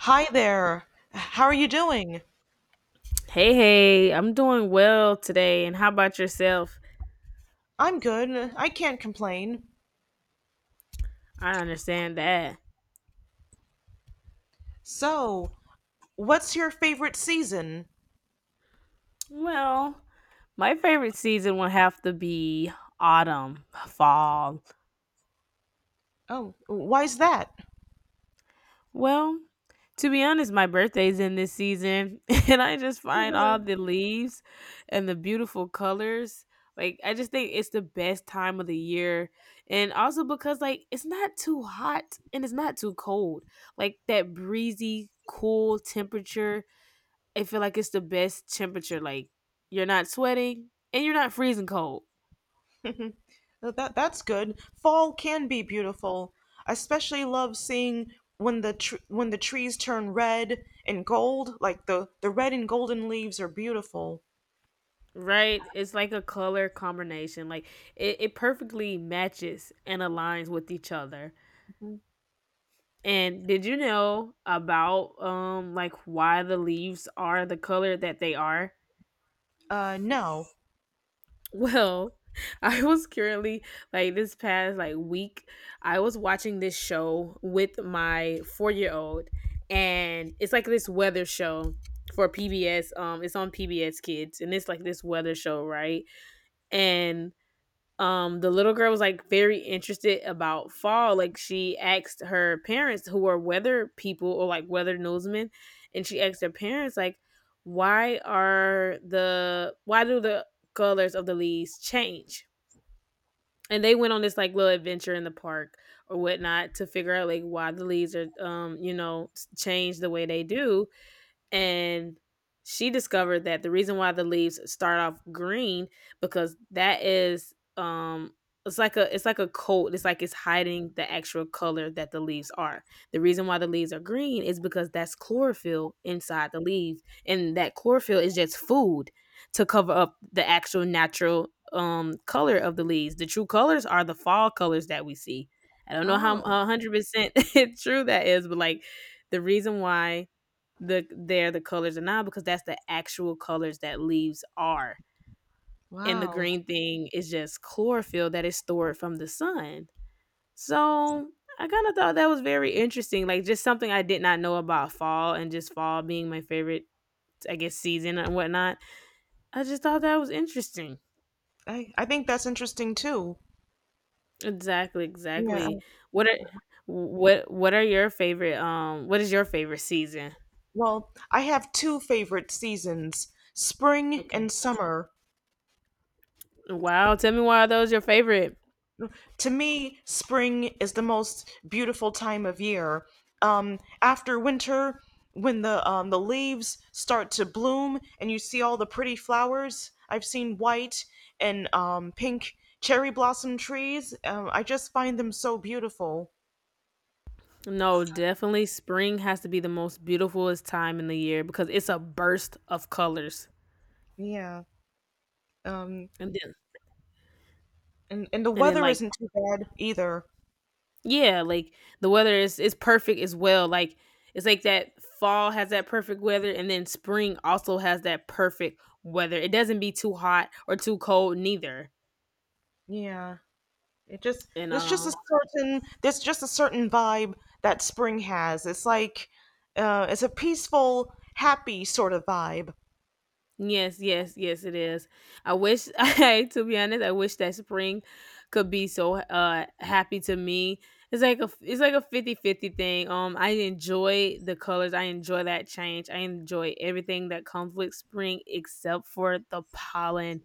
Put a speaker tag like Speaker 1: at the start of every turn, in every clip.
Speaker 1: Hi there. How are you doing?
Speaker 2: Hey, hey, I'm doing well today, and how about yourself?
Speaker 1: I'm good. I can't complain.
Speaker 2: I understand that.
Speaker 1: So, what's your favorite season?
Speaker 2: Well, my favorite season will have to be autumn, fall.
Speaker 1: Oh, why's that?
Speaker 2: Well, to be honest, my birthday's in this season, and I just find all
Speaker 1: Mhm.
Speaker 2: the leaves and the beautiful colors. Like, I just think it's the best time of the year. And also because, like, it's not too hot and it's not too cold. Like, that breezy, cool temperature, I feel like it's the best temperature. Like you're not sweating and you're not freezing cold.
Speaker 1: That's good. Fall can be beautiful. I especially love seeing when the trees turn red and gold, like the red and golden leaves are beautiful.
Speaker 2: Right? It's like a color combination. Like it perfectly matches and aligns with each other. And did you know about like why the leaves are the color that they are?
Speaker 1: No.
Speaker 2: Well, I was currently like this past like week, I was watching this show with my 4-year-old, and it's like this weather show for PBS. It's on PBS Kids, and it's like this weather show, right? And the little girl was like very interested about fall, like she asked her parents, who are weather people or like weather newsmen, and she asked her parents like why do the colors of the leaves change, and they went on this like little adventure in the park or whatnot to figure out like why the leaves are change the way they do. And she discovered that the reason why the leaves start off green, because that is it's like a coat, it's like it's hiding the actual color that the leaves are. The reason why the leaves are green is because that's chlorophyll inside the leaves, and that chlorophyll is just food to cover up the actual natural color of the leaves. The true colors are the fall colors that we see. I don't know how
Speaker 1: Oh,
Speaker 2: 100% true that is, but like, the reason why they're the colors of, not because that's the actual colors that leaves are. And the
Speaker 1: wow.
Speaker 2: green thing is just chlorophyll that is stored from the sun. So I kind of thought that was very interesting. Like just something I did not know about fall, and just fall being my favorite, I guess, season and whatnot. I just thought that was interesting.
Speaker 1: I think that's interesting too.
Speaker 2: Exactly,
Speaker 1: Yeah.
Speaker 2: exactly. What are what are your favorite What is your favorite season?
Speaker 1: Well, I have two favorite seasons, spring and
Speaker 2: Okay.
Speaker 1: summer.
Speaker 2: Wow, tell me, why are those your favorite?
Speaker 1: To me, spring is the most beautiful time of year. After winter, when the leaves start to bloom and you see all the pretty flowers, I've seen white and pink cherry blossom trees. I just find them so beautiful.
Speaker 2: No, definitely spring has to be the most beautifulest time in the year because it's a burst of colors.
Speaker 1: Yeah. Um,
Speaker 2: And then
Speaker 1: and the
Speaker 2: and then,
Speaker 1: weather
Speaker 2: like,
Speaker 1: isn't too bad either.
Speaker 2: yeah, like, the weather is perfect as well. Like it's like that fall has that perfect weather, and then spring also has that perfect weather. It doesn't be too hot or too cold neither.
Speaker 1: Yeah. It just
Speaker 2: And
Speaker 1: there's just a certain there's just a certain vibe that spring has. It's like it's a peaceful, happy sort of vibe.
Speaker 2: Yes, yes, yes, it is. I wish, to be honest, I wish that spring could be so happy to me. It's like a fifty-fifty thing. I enjoy the colors. I enjoy that change. I enjoy everything that comes with spring except for the pollen.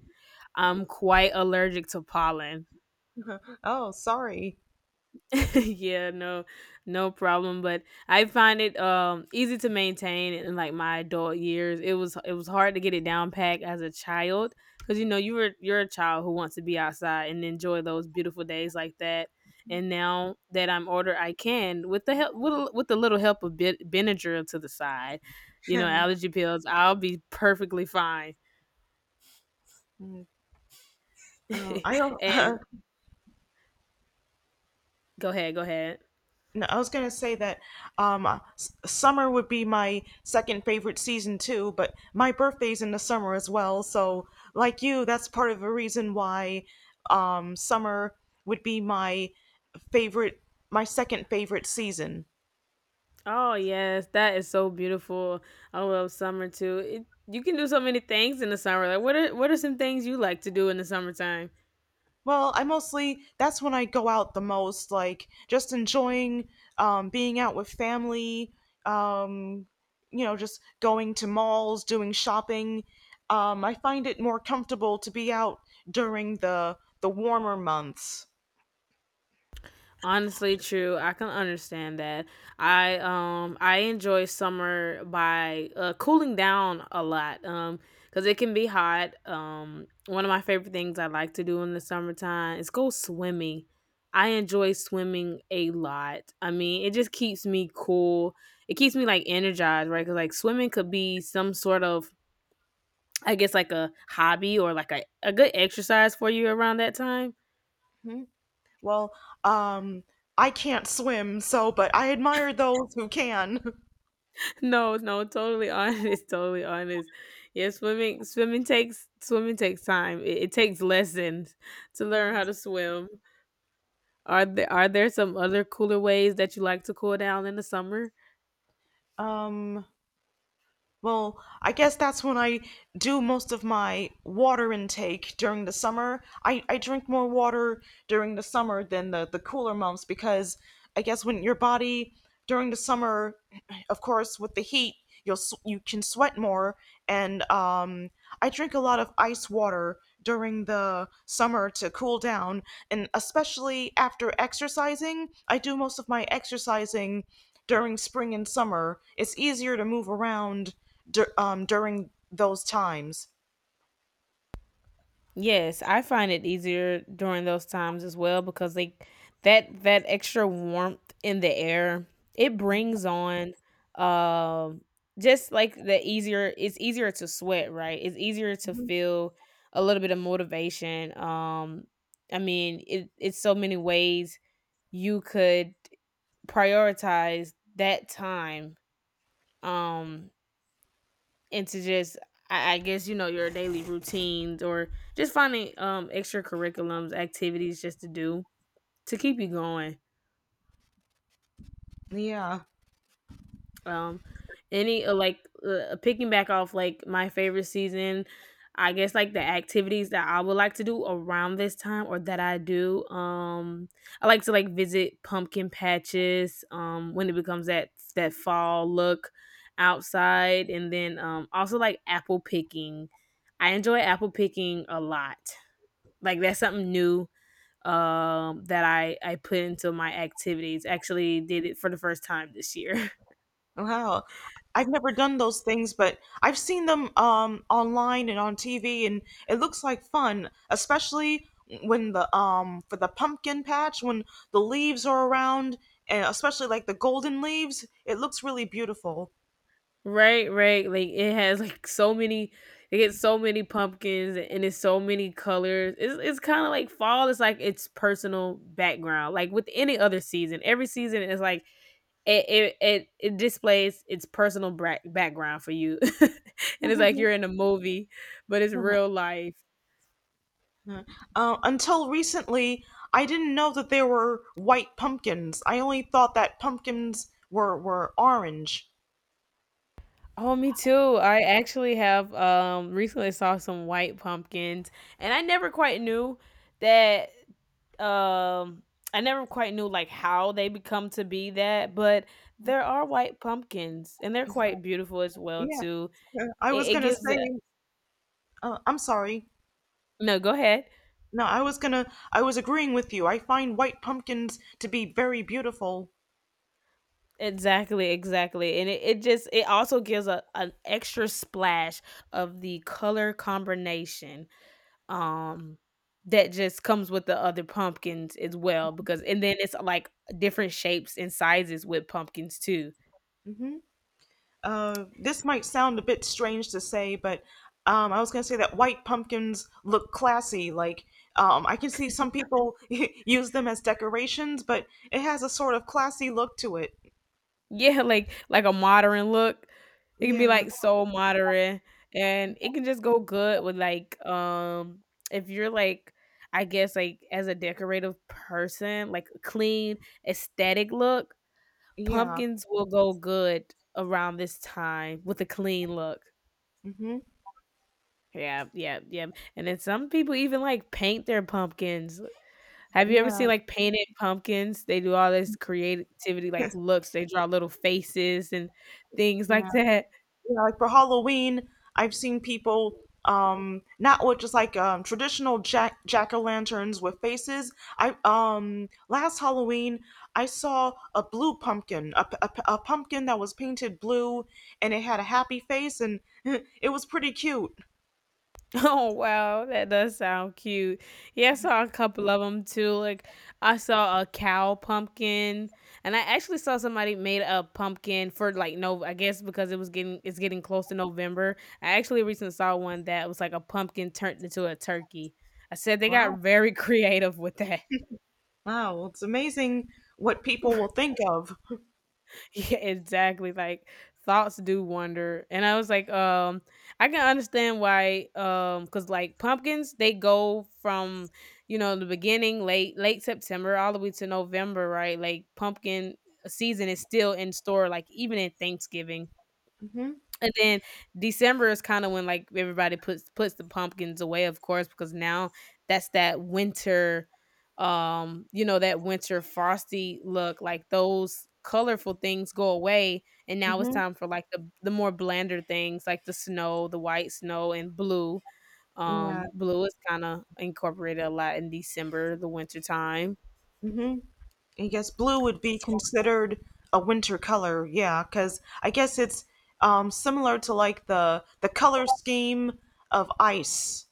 Speaker 2: I'm quite allergic to pollen.
Speaker 1: Oh, sorry.
Speaker 2: Yeah, no, no problem. But I find it easy to maintain in like my adult years. It was hard to get it down packed as a child, because you know you're a child who wants to be outside and enjoy those beautiful days like that. And now that I'm older, I can, with the help with, with the little help of Benadryl to the side, you know,
Speaker 1: Um,
Speaker 2: allergy pills, I'll be perfectly fine.
Speaker 1: I don't-
Speaker 2: and Go ahead, go ahead.
Speaker 1: No, I was gonna say that summer would be my second favorite season too, but my birthday's in the summer as well. So, like you, that's part of the reason why summer would be favorite, my second favorite season.
Speaker 2: Oh yes, that is so beautiful. I love summer too. You can do so many things in the summer. Like what are some things you like to do in the summertime?
Speaker 1: Well, I mostly that's when I go out the most, like just enjoying being out with family, um, just going to malls, doing shopping. I find it more comfortable to be out during the warmer months.
Speaker 2: Honestly, true. I can understand that. I enjoy summer by cooling down a lot. Because it can be hot. One of my favorite things I like to do in the summertime is go swimming. I enjoy swimming a lot. I mean, it just keeps me cool. It keeps me like energized, right? Because like swimming could be some sort of, I guess, like a hobby or like a good exercise for you around that time.
Speaker 1: Hmm. Well, um, I can't swim, so but I admire those who can.
Speaker 2: No, no, totally honest, totally honest. Yeah, swimming takes time. It takes lessons to learn how to swim. Are there some other cooler ways that you like to cool down in the summer?
Speaker 1: Um, Well, I guess that's when I do most of my water intake during the summer. I drink more water during the summer than the cooler months because I guess when your body during the summer, of course, with the heat, you can sweat more. And I drink a lot of ice water during the summer to cool down, and especially after exercising. I do most of my exercising during spring and summer. It's easier to move around during those times.
Speaker 2: Yes, I find it easier during those times as well, because they that that extra warmth in the air, it brings on um just like the easier it's easier to sweat, right? It's easier to
Speaker 1: Mhm.
Speaker 2: feel a little bit of motivation. I mean, it's so many ways you could prioritize that time. Um into just, I guess, you know, your daily routines, or just finding extracurriculums activities just to do to keep you going.
Speaker 1: Yeah.
Speaker 2: Um, any, like, picking back off like my favorite season, I guess like the activities that I would like to do around this time, or that I do. I like to like visit pumpkin patches. When it becomes that fall look outside, and then also like apple picking. I enjoy apple picking a lot. Like that's something new, that I put into my activities. Actually did it for the first time this year.
Speaker 1: Wow. I've never done those things, but I've seen them online and on TV, and it looks like fun, especially when the for the pumpkin patch when the leaves are around, and especially like the golden leaves, it looks really beautiful.
Speaker 2: Right, right. Like it has like so many, it gets so many pumpkins, and it's so many colors. It's kind of like fall. It's like its personal background. Like with any other season, every season is like it displays its personal background for you. And it's like you're in a movie, but it's real life.
Speaker 1: Until recently, I didn't know that there were white pumpkins. I only thought that pumpkins were orange.
Speaker 2: Oh, me too. I actually have recently saw some white pumpkins, and that um I never quite knew like how they become to be that, but there are white pumpkins and they're quite beautiful as well
Speaker 1: Yeah.
Speaker 2: too.
Speaker 1: I was
Speaker 2: It
Speaker 1: gonna
Speaker 2: gives it.
Speaker 1: say, I'm sorry.
Speaker 2: No, go ahead.
Speaker 1: No, I was agreeing with you. I find white pumpkins to be very beautiful.
Speaker 2: Exactly, exactly. And it also gives a an extra splash of the color combination, um that just comes with the other pumpkins as well, because, and then it's like different shapes and sizes with pumpkins too.
Speaker 1: Hmm. This might sound a bit strange to say, but I was gonna say that white pumpkins look classy. Like, I can see some people use them as decorations, but it has a sort of classy look to it.
Speaker 2: Yeah, like a modern look. It can be
Speaker 1: Yeah,
Speaker 2: like so modern, and it can just go good with, like, if you're like, I guess like, as a decorative person, like a clean aesthetic look,
Speaker 1: yeah.
Speaker 2: pumpkins will go good around this time with a clean look.
Speaker 1: Hmm.
Speaker 2: Yeah, yeah, yeah, and then some people even, like, paint their pumpkins. Have you ever
Speaker 1: Yeah,
Speaker 2: seen, like, painted pumpkins? They do all this creativity, like, looks, they draw little faces and things
Speaker 1: yeah.
Speaker 2: like that.
Speaker 1: Yeah, like for Halloween, I've seen people not with just like traditional jack o' lanterns with faces. I Last Halloween I saw a blue pumpkin, a pumpkin that was painted blue and it had a happy face and it was pretty cute.
Speaker 2: Oh wow, that does sound cute. Yeah, I saw a couple of them too. Like, I saw a cow pumpkin, and I actually saw somebody made a pumpkin for, like, no, I guess because it's getting close to November. I actually recently saw one that was like a pumpkin turned into a turkey. I said they got
Speaker 1: Wow,
Speaker 2: very creative with that.
Speaker 1: wow, it's amazing what people will think of.
Speaker 2: Yeah, exactly. Like, thoughts do wonder. And I was like, I can understand why, because like pumpkins, they go from, you know, the beginning, late September, all the way to November, right? Like pumpkin season is still in store, like even in Thanksgiving.
Speaker 1: Mhm.
Speaker 2: And then December is kinda when, like, everybody puts the pumpkins away, of course, because now that's that winter, that winter frosty look, like, those colorful things go away, and now it's
Speaker 1: Mhm.
Speaker 2: time for, like, the more blander things, like the snow, the white snow and blue.
Speaker 1: Yeah.
Speaker 2: Blue is kinda incorporated a lot in December, the winter time.
Speaker 1: Mhm. I guess blue would be considered a winter color, yeah, because I guess it's similar to like the color scheme of ice.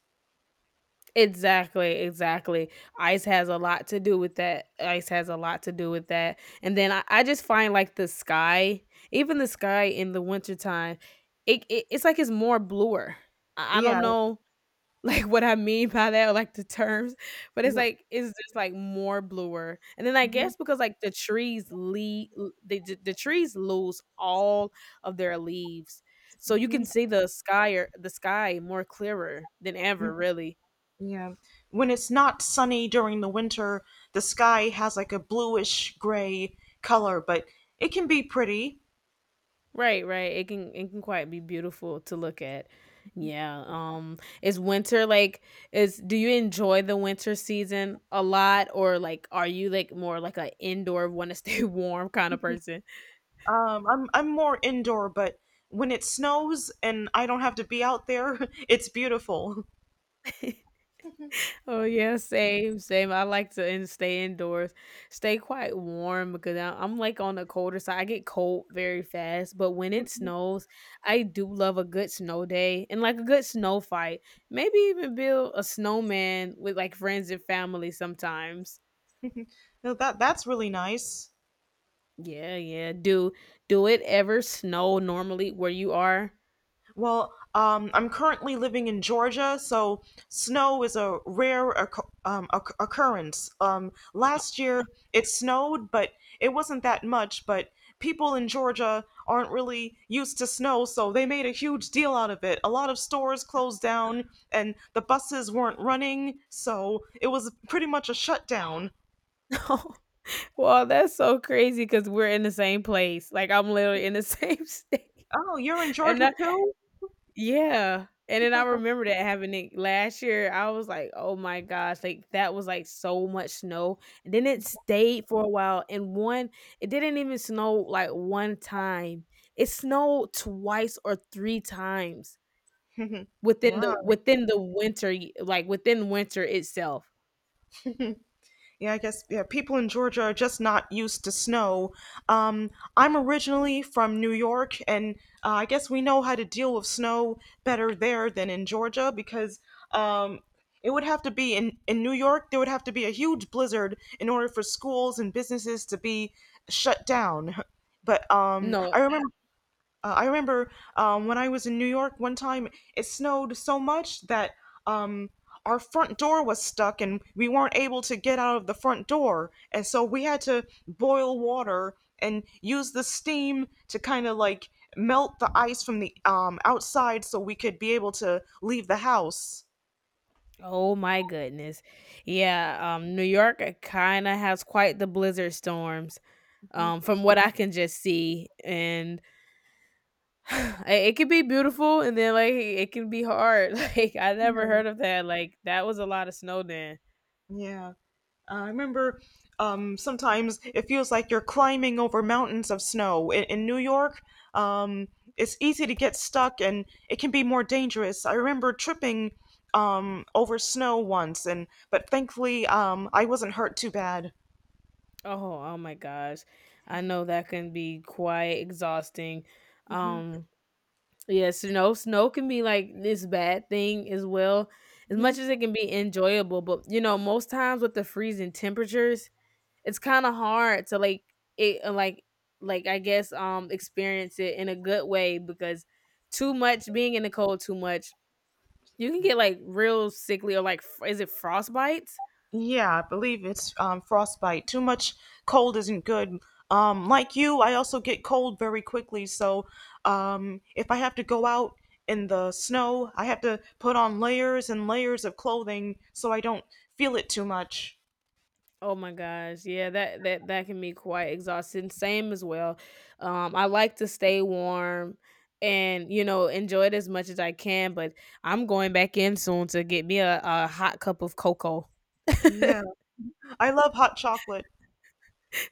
Speaker 2: Exactly, exactly. Ice has a lot to do with that. Ice has a lot to do with that. And then I just find like the sky, even the sky in the wintertime, it's like it's more bluer. I don't
Speaker 1: Yeah.
Speaker 2: know, like, what I mean by that or like the terms, but it's
Speaker 1: Yep.
Speaker 2: like it's just like more bluer. And then I
Speaker 1: Mhm,
Speaker 2: guess because like the trees lose all of their leaves. So you
Speaker 1: mhm,
Speaker 2: can see the sky, or the sky more clearer than
Speaker 1: mhm.
Speaker 2: ever, really.
Speaker 1: Yeah. When it's not sunny during the winter, the sky has like a bluish gray color, but it can be pretty.
Speaker 2: Right, right. It can quite be beautiful to look at. Yeah. Is winter like is Do you enjoy the winter season a lot, or like are you like more like a indoor, want to stay warm kind of person?
Speaker 1: I'm more indoor, but when it snows and I don't have to be out there, it's beautiful.
Speaker 2: Oh yeah, same, same. I like to stay indoors, stay quite warm, because I'm like on the colder side. I get cold very fast, but when it snows, I do love a good snow day and like a good snow fight. Maybe even build a snowman with like friends and family sometimes.
Speaker 1: No, that's really nice.
Speaker 2: Yeah, yeah. Do it ever snow normally where you are?
Speaker 1: Well, I'm currently living in Georgia, so snow is a rare occurrence. Last year it snowed, but it wasn't that much. But people in Georgia aren't really used to snow, so they made a huge deal out of it. A lot of stores closed down, and the buses weren't running, so it was pretty much a shutdown.
Speaker 2: Well, that's so crazy because we're in the same place. Like I'm literally in the same state.
Speaker 1: Oh, you're in
Speaker 2: And
Speaker 1: Georgia too?
Speaker 2: yeah, and then I remember that happening last year, I was like, "Oh my gosh," like, that was, like, so much snow, and then it stayed for a while, and one it didn't even snow, like, 1 time. It snowed twice or 3 times within the
Speaker 1: Wow.
Speaker 2: within the winter y like, within winter itself.
Speaker 1: Yeah, I guess yeah, people in Georgia are just not used to snow. Um, I'm originally from New York, and I guess we know how to deal with snow better there than in Georgia because um, it would have to be in New York, there would have to be a huge blizzard in order for schools and businesses to be shut down. But
Speaker 2: No,
Speaker 1: I remember uh, I remember when I was in New York one time, it snowed so much that um, our front door was stuck and we weren't able to get out of the front door. And so we had to boil water and use the steam to kind of like melt the ice from the outside so we could be able to leave the house.
Speaker 2: oh my goodness. Yeah, New York kinda has quite the blizzard storms, from what I can just see, and I- it could be beautiful and then like it can be hard. Like I never heard of that. Like that was a lot of snow then.
Speaker 1: Yeah. I remember sometimes it feels like you're climbing over mountains of snow. In New York, um, it's easy to get stuck and it can be more dangerous. I remember tripping over snow once, and but thankfully I wasn't hurt too bad.
Speaker 2: Oh, oh my gosh. I know that can be quite exhausting. Um yeah, snow can be like this bad thing as well. As much as it can be enjoyable, but you know, most times with the freezing temperatures, it's kind of hard to like it like I guess experience it in a good way because too much being in the cold too much, you can get like real sickly or like f- is it frostbites?
Speaker 1: Yeah, I believe it's frostbite. Too much cold isn't good. Like you, I also get cold very quickly. So if I have to go out in the snow, I have to put on layers and layers of clothing so I don't feel it too much.
Speaker 2: Oh my gosh, yeah, that can be quite exhausting. Same as well. I like to stay warm and you know enjoy it as much as I can, but I'm going back in soon to get me a hot cup of cocoa.
Speaker 1: Yeah, I love hot chocolate.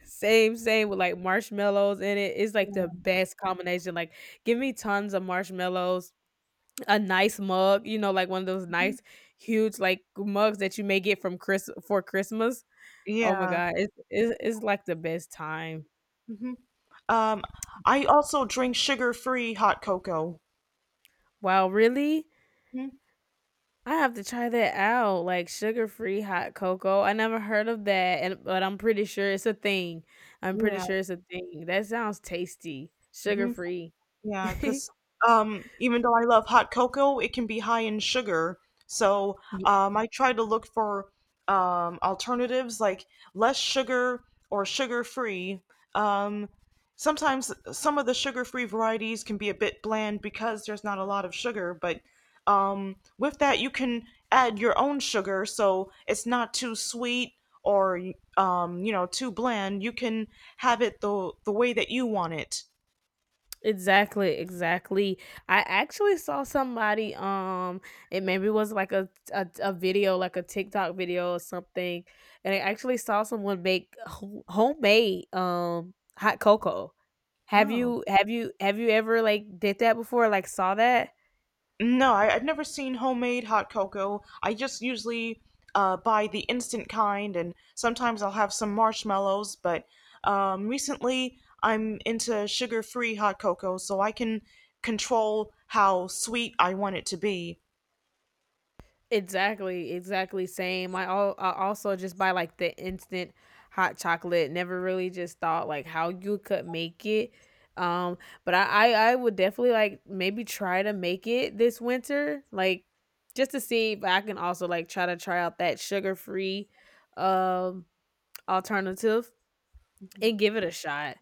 Speaker 2: Same, same with like marshmallows in it. It's like the best combination. Like, give me tons of marshmallows, a nice mug, you know, like one of those nice huge like mugs that you may get from Chris for Christmas. Oh my
Speaker 1: Yeah.
Speaker 2: god, it's like the best time.
Speaker 1: Hmm. Um, I also drink sugar-free hot cocoa.
Speaker 2: Wow, really?
Speaker 1: Mhm.
Speaker 2: I have to try that out. Like sugar-free hot cocoa. I never heard of that, and but I'm pretty sure it's a thing. I'm pretty
Speaker 1: Yeah.
Speaker 2: sure it's a thing. That sounds tasty.
Speaker 1: Hmm.
Speaker 2: Sugar-free.
Speaker 1: Yeah, because even though I love hot cocoa, it can be high in sugar. So I try to look for alternatives like less sugar or sugar free. Um, Sometimes some of the sugar free varieties can be a bit bland because there's not a lot of sugar, but with that, you can add your own sugar so it's not too sweet or too bland. You can have it the way that you want it.
Speaker 2: Exactly, exactly. I actually saw somebody it maybe was like a video like a TikTok video or something, and I actually saw someone make ho- homemade hot cocoa. Have
Speaker 1: Oh.
Speaker 2: you have you have you ever like did that before like saw that?
Speaker 1: No, I've never seen homemade hot cocoa. I just usually buy the instant kind, and sometimes I'll have some marshmallows. But recently, I'm into sugar-free hot cocoa, so I can control how sweet I want it to be.
Speaker 2: Exactly, exactly same. I, al- I also just buy like the instant hot chocolate. Never really just thought like how you could make it. Um, but I would definitely like maybe try to make it this winter, like just to see if I can also like try to try out that sugar free um alternative
Speaker 1: Hmm.
Speaker 2: and give it a shot.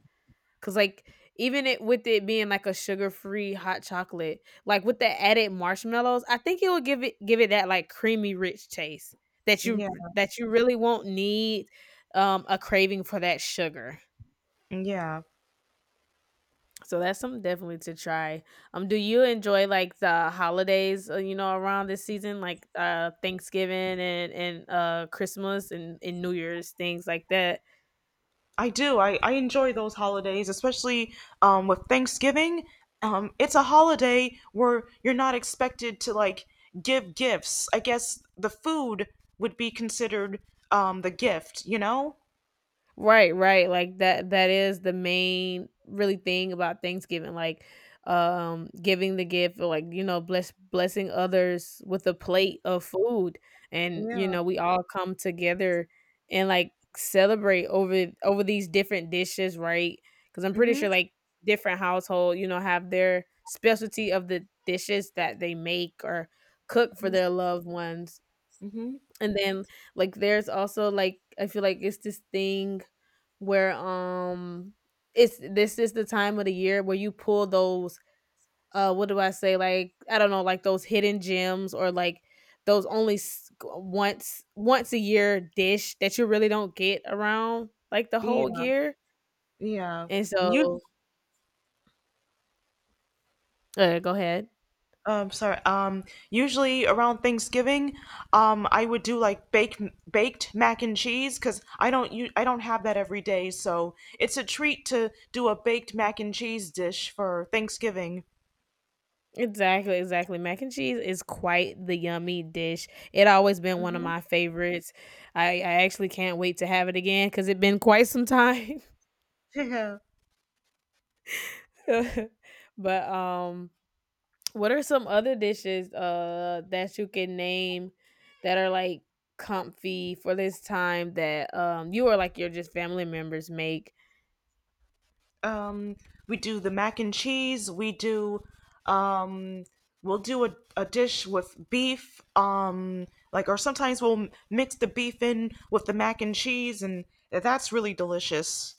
Speaker 2: Cause like even it with it being like a sugar free hot chocolate, like with the added marshmallows, I think it will give it that like creamy rich taste that
Speaker 1: Yeah,
Speaker 2: you really won't need a craving for that sugar.
Speaker 1: yeah.
Speaker 2: So that's something definitely to try. Um, do you enjoy like the holidays, you know, around this season like Thanksgiving and Christmas and New Year's, things like that?
Speaker 1: I do. I enjoy those holidays, especially with Thanksgiving. It's a holiday where you're not expected to like give gifts. I guess the food would be considered the gift, you know?
Speaker 2: Right, right. Like that that is the main really thing about Thanksgiving. Like giving the gift or like, you know, blessing others with a plate of food. And, you
Speaker 1: Yeah.
Speaker 2: know, we all come together and like celebrate over these different dishes, right? Cause I'm pretty
Speaker 1: Mm-hmm.
Speaker 2: sure like different household, you know, have their specialty of the dishes that they make or cook for their loved ones.
Speaker 1: Mm-hmm.
Speaker 2: And then like there's also like I feel like it's this thing where it's this is the time of the year where you pull those what do I say like I don't know like those hidden gems or like those only s- once a year dish that you really don't get around like the whole
Speaker 1: Yeah.
Speaker 2: year.
Speaker 1: Yeah.
Speaker 2: And so go ahead.
Speaker 1: Sorry. Usually around Thanksgiving, I would do like baked mac and cheese because I don't have that every day, so it's a treat to do a baked mac and cheese dish for Thanksgiving.
Speaker 2: Exactly, exactly. Mac and cheese is quite the yummy dish. It always been one of my favorites. I actually can't wait to have it again because it's been quite some time.
Speaker 1: Yeah.
Speaker 2: But what are some other dishes that you can name that are like comfy for this time that you or like your just family members make?
Speaker 1: Um, we do the mac and cheese. Um, we'll do a dish with beef. Like or sometimes we'll mix the beef in with the mac and cheese, and that's really delicious.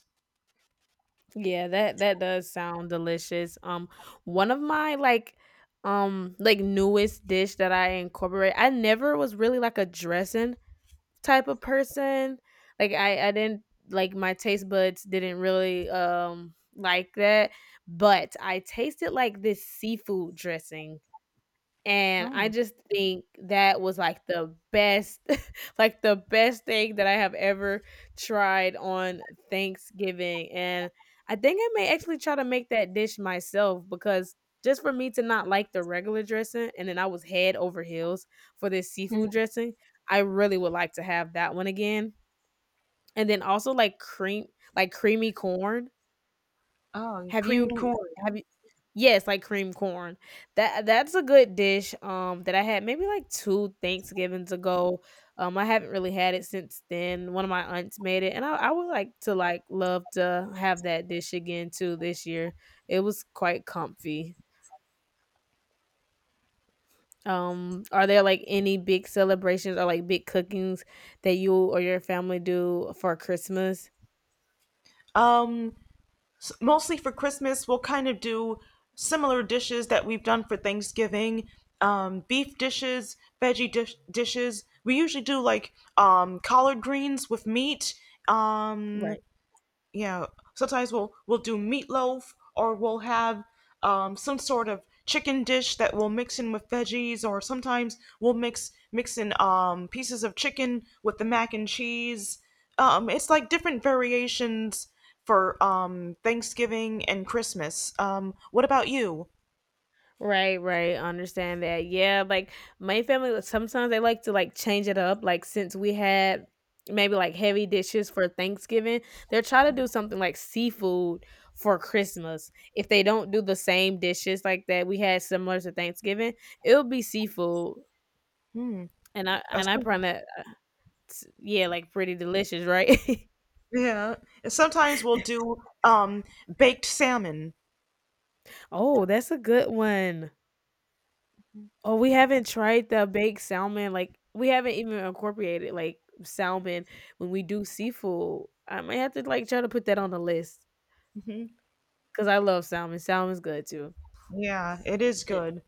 Speaker 2: Yeah, that that does sound delicious. One of my like newest dish that I incorporate. I never was really like a dressing type of person. Like I didn't like my taste buds didn't really like that. But I tasted like this seafood dressing and I
Speaker 1: Oh,
Speaker 2: just think that was, like, the best like, the best thing that I have ever tried on Thanksgiving, and I think I may actually try to make that dish myself because just for me to not like the regular dressing, and then I was head over heels for this seafood dressing, I really would like to have that one again, and then also, like, cream like, creamy corn.
Speaker 1: oh, and
Speaker 2: Have
Speaker 1: creamed
Speaker 2: you
Speaker 1: corn.
Speaker 2: have you yes, like cream corn. That that's a good dish, that I had maybe like 2 Thanksgivings ago. I haven't really had it since then. One of my aunts made it, and I would like to like love to have that dish again too this year. It was quite comfy. Are there like any big celebrations or like big cookings that you or your family do for Christmas?
Speaker 1: Um, Mostly for Christmas, we'll kind of do similar dishes that we've done for Thanksgiving. Beef dishes, veggie dishes. We usually do like collard greens with meat. Um,
Speaker 2: Right.
Speaker 1: yeah, sometimes we'll do meatloaf or we'll have some sort of chicken dish that we'll mix in with veggies or sometimes we'll mix in pieces of chicken with the mac and cheese it's like different variations for Thanksgiving and Christmas. What about you?
Speaker 2: Right, right. Understand that. Yeah, like my family like, sometimes they like to like change it up. Like since we had maybe like heavy dishes for Thanksgiving, they're try to do something like seafood for Christmas. If they don't do the same dishes like that we had similar to Thanksgiving, it'll be seafood.
Speaker 1: Hmm.
Speaker 2: And I
Speaker 1: uh,
Speaker 2: and I
Speaker 1: some-
Speaker 2: find that yeah, like pretty delicious, right?
Speaker 1: yeah sometimes we'll do um, baked salmon.
Speaker 2: Oh, that's a good one. Oh, we haven't tried the baked salmon, like, we haven't even incorporated, like, salmon when we do seafood. I might have to, like, try to put that on the list
Speaker 1: Hmm,
Speaker 2: because I love salmon. Salmon's good too.
Speaker 1: yeah, it is
Speaker 2: And
Speaker 1: good.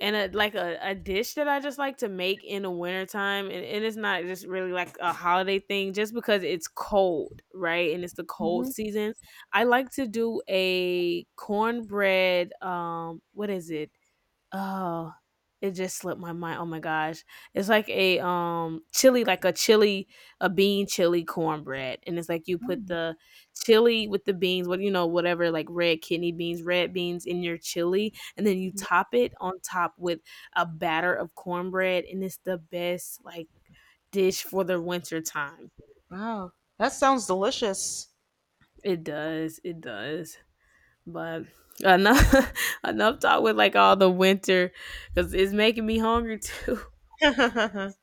Speaker 2: and a like, a dish that I just like to make in the wintertime, and it's not just really, like, a holiday thing just because it's cold, right? And it's the cold season. I like to do a cornbread, what is it? Oh, it just slipped my mind. Oh my gosh. It's like a chili, like a chili, a bean chili cornbread. And it's like you put the chili with the beans, what you know, whatever, like red kidney beans, red beans in your chili, and then you top it on top with a batter of cornbread, and it's the best like dish for the winter time.
Speaker 1: Wow, that sounds delicious.
Speaker 2: It does, it does. But enough enough talk with like all the winter because it's making me hungry too.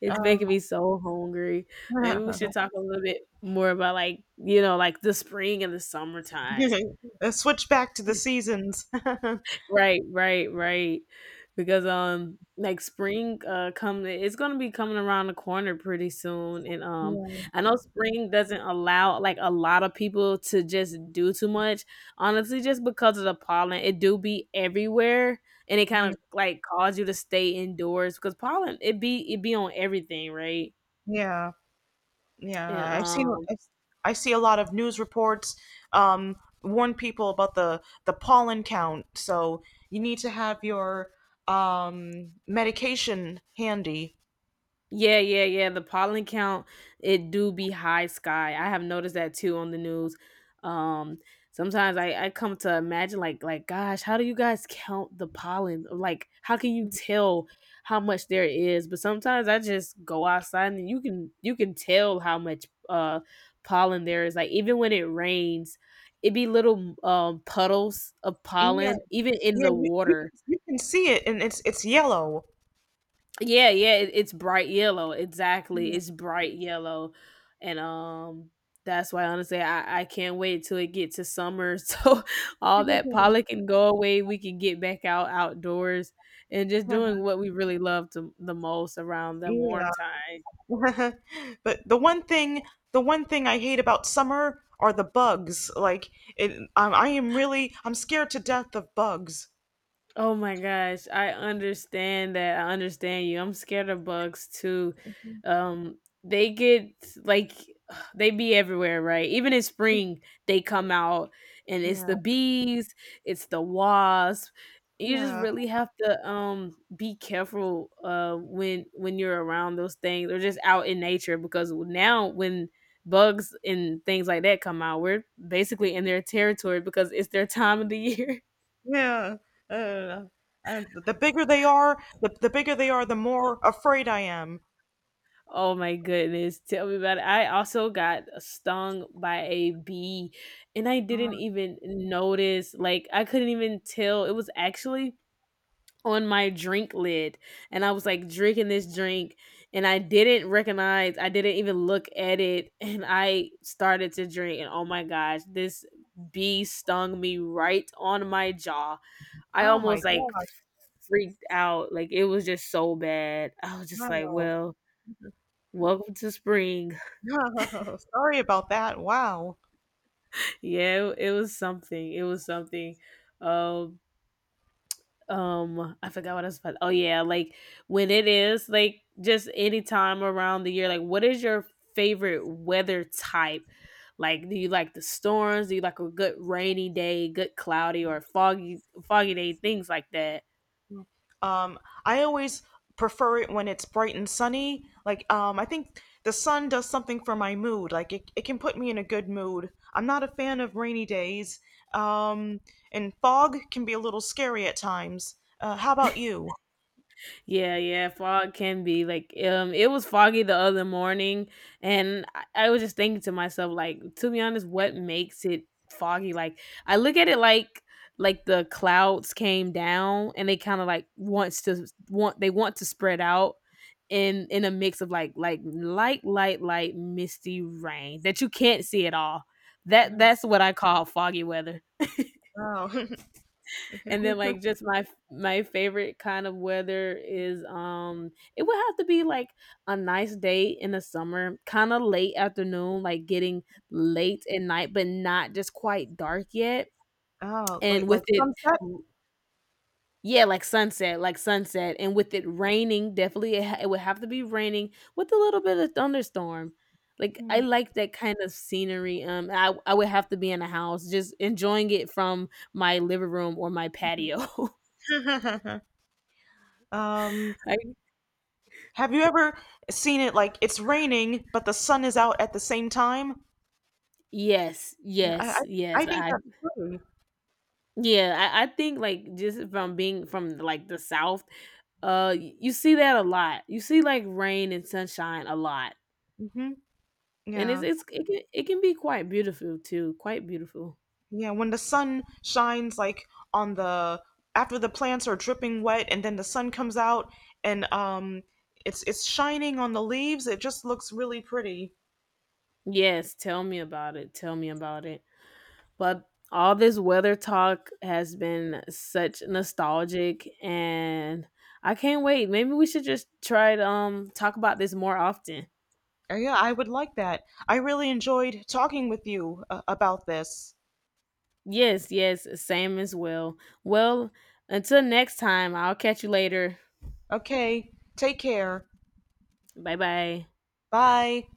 Speaker 2: It's making
Speaker 1: um,
Speaker 2: me so hungry. Maybe we should talk a little bit more about, like, you know, like the spring and the summertime.
Speaker 1: Switch back to the seasons. Yeah.
Speaker 2: Right, right, right. Because like spring come it's gonna be coming around the corner pretty soon. And I know spring doesn't allow like a lot of people to just do too much. Honestly, just because of the pollen, it do be everywhere and it kind
Speaker 1: Mm,
Speaker 2: of like cause you to stay indoors because pollen it be on everything, right?
Speaker 1: yeah,
Speaker 2: And
Speaker 1: yeah. I've seen. I see a lot of news reports um, warn people about the pollen count. So you need to have your medication handy.
Speaker 2: yeah, yeah, yeah, the pollen count, it do be high sky, I have noticed that too on the news, um, sometimes I come to imagine, like, "Gosh, how do you guys count the pollen?" Or, like, "How can you tell how much there is?" But sometimes I just go outside and you can tell how much, pollen there is, like, even when it rains, it be little, puddles of
Speaker 1: Yeah,
Speaker 2: pollen even in
Speaker 1: yeah.
Speaker 2: the
Speaker 1: You, you
Speaker 2: water.
Speaker 1: can you can see it, and it's yellow.
Speaker 2: Yeah, yeah, it's bright yellow. Exactly. It's bright yellow. And that's why honestly I can't wait till it get to summer so all that
Speaker 1: Yeah.
Speaker 2: pollen can go away. We can get back out outdoors and just doing what we really love to, the most around the warm
Speaker 1: Yeah.
Speaker 2: time.
Speaker 1: But the one thing I hate about summer are the bugs like it, I am really I'm scared to death of bugs.
Speaker 2: Oh my gosh, I understand that. I understand you. I'm scared of bugs too. Um they get like they be everywhere, right? Even in spring, they come out and it's
Speaker 1: Yeah,
Speaker 2: the bees, it's the wasp. You just
Speaker 1: yeah,
Speaker 2: really have to be careful when you're around those things or just out in nature because now when bugs and things like that come out, we're basically in their territory because it's their time of the year.
Speaker 1: yeah. Uh, and the bigger they are the, the bigger they are the more afraid I am.
Speaker 2: Oh my goodness, tell me about it. I also got stung by a bee and I didn't even notice. Like I couldn't even tell. It was actually on my drink lid and I was like drinking this drink and I didn't recognize, I didn't even look at it and I started to drink and oh my gosh, this bee stung me right on my jaw. I
Speaker 1: Oh my
Speaker 2: almost like
Speaker 1: gosh.
Speaker 2: freaked out. Like it was just so bad. I was just like,
Speaker 1: Wow.
Speaker 2: well, welcome to spring.
Speaker 1: Sorry about that. Wow.
Speaker 2: Yeah, it was something. It was something. Um, I forgot what I was about. Oh yeah, like when it is like just any time around the year. Like, what is your favorite weather type? Like, do you like the storms? Do you like a good rainy day, good cloudy or foggy, foggy day, things like that?
Speaker 1: Um, I always prefer it when it's bright and sunny. Like, I think the sun does something for my mood. Like, it can put me in a good mood. I'm not a fan of rainy days. Um, and fog can be a little scary at times. How about you?
Speaker 2: Yeah, yeah, fog can be like it was foggy the other morning and I was just thinking to myself like to be honest what makes it foggy like I look at it like the clouds came down and they kind of like wants to want they want to spread out in a mix of like light misty rain that you can't see at all. That that's what I call foggy weather.
Speaker 1: Oh,
Speaker 2: And then like just my favorite kind of weather is it would have to be like a nice day in the summer, kind of late afternoon, like getting late at night but not just quite dark yet.
Speaker 1: oh,
Speaker 2: And
Speaker 1: like
Speaker 2: with
Speaker 1: like
Speaker 2: it
Speaker 1: sunset.
Speaker 2: yeah, like sunset and with it raining, definitely it, ha- it would have to be raining with a little bit of thunderstorm. Like I
Speaker 1: Hmm.
Speaker 2: like that kind of scenery. I would have to be in a house just enjoying it from my living room or my patio.
Speaker 1: um,
Speaker 2: I
Speaker 1: have you ever seen it like it's raining but the sun is out at the same time?
Speaker 2: yes,
Speaker 1: I, I
Speaker 2: yes,
Speaker 1: think
Speaker 2: yes.
Speaker 1: I think
Speaker 2: I
Speaker 1: that's pretty.
Speaker 2: yeah, I think like just from being from like the south, y- you see that a lot. You see like rain and sunshine a lot.
Speaker 1: Hmm.
Speaker 2: And it's
Speaker 1: Yeah.
Speaker 2: it's it can be quite beautiful too, quite beautiful.
Speaker 1: Yeah, when the sun shines like on the after the plants are dripping wet and then the sun comes out and it's shining on the leaves, it just looks really pretty.
Speaker 2: Yes, tell me about it. Tell me about it. But all this weather talk has been such nostalgic and I can't wait. Maybe we should just try to talk about this more often.
Speaker 1: Yeah, I would like that. I really enjoyed talking with you about this.
Speaker 2: Yes, yes, same as well. Well, until next time, I'll catch you later.
Speaker 1: Okay, take care.
Speaker 2: Bye bye.
Speaker 1: Bye.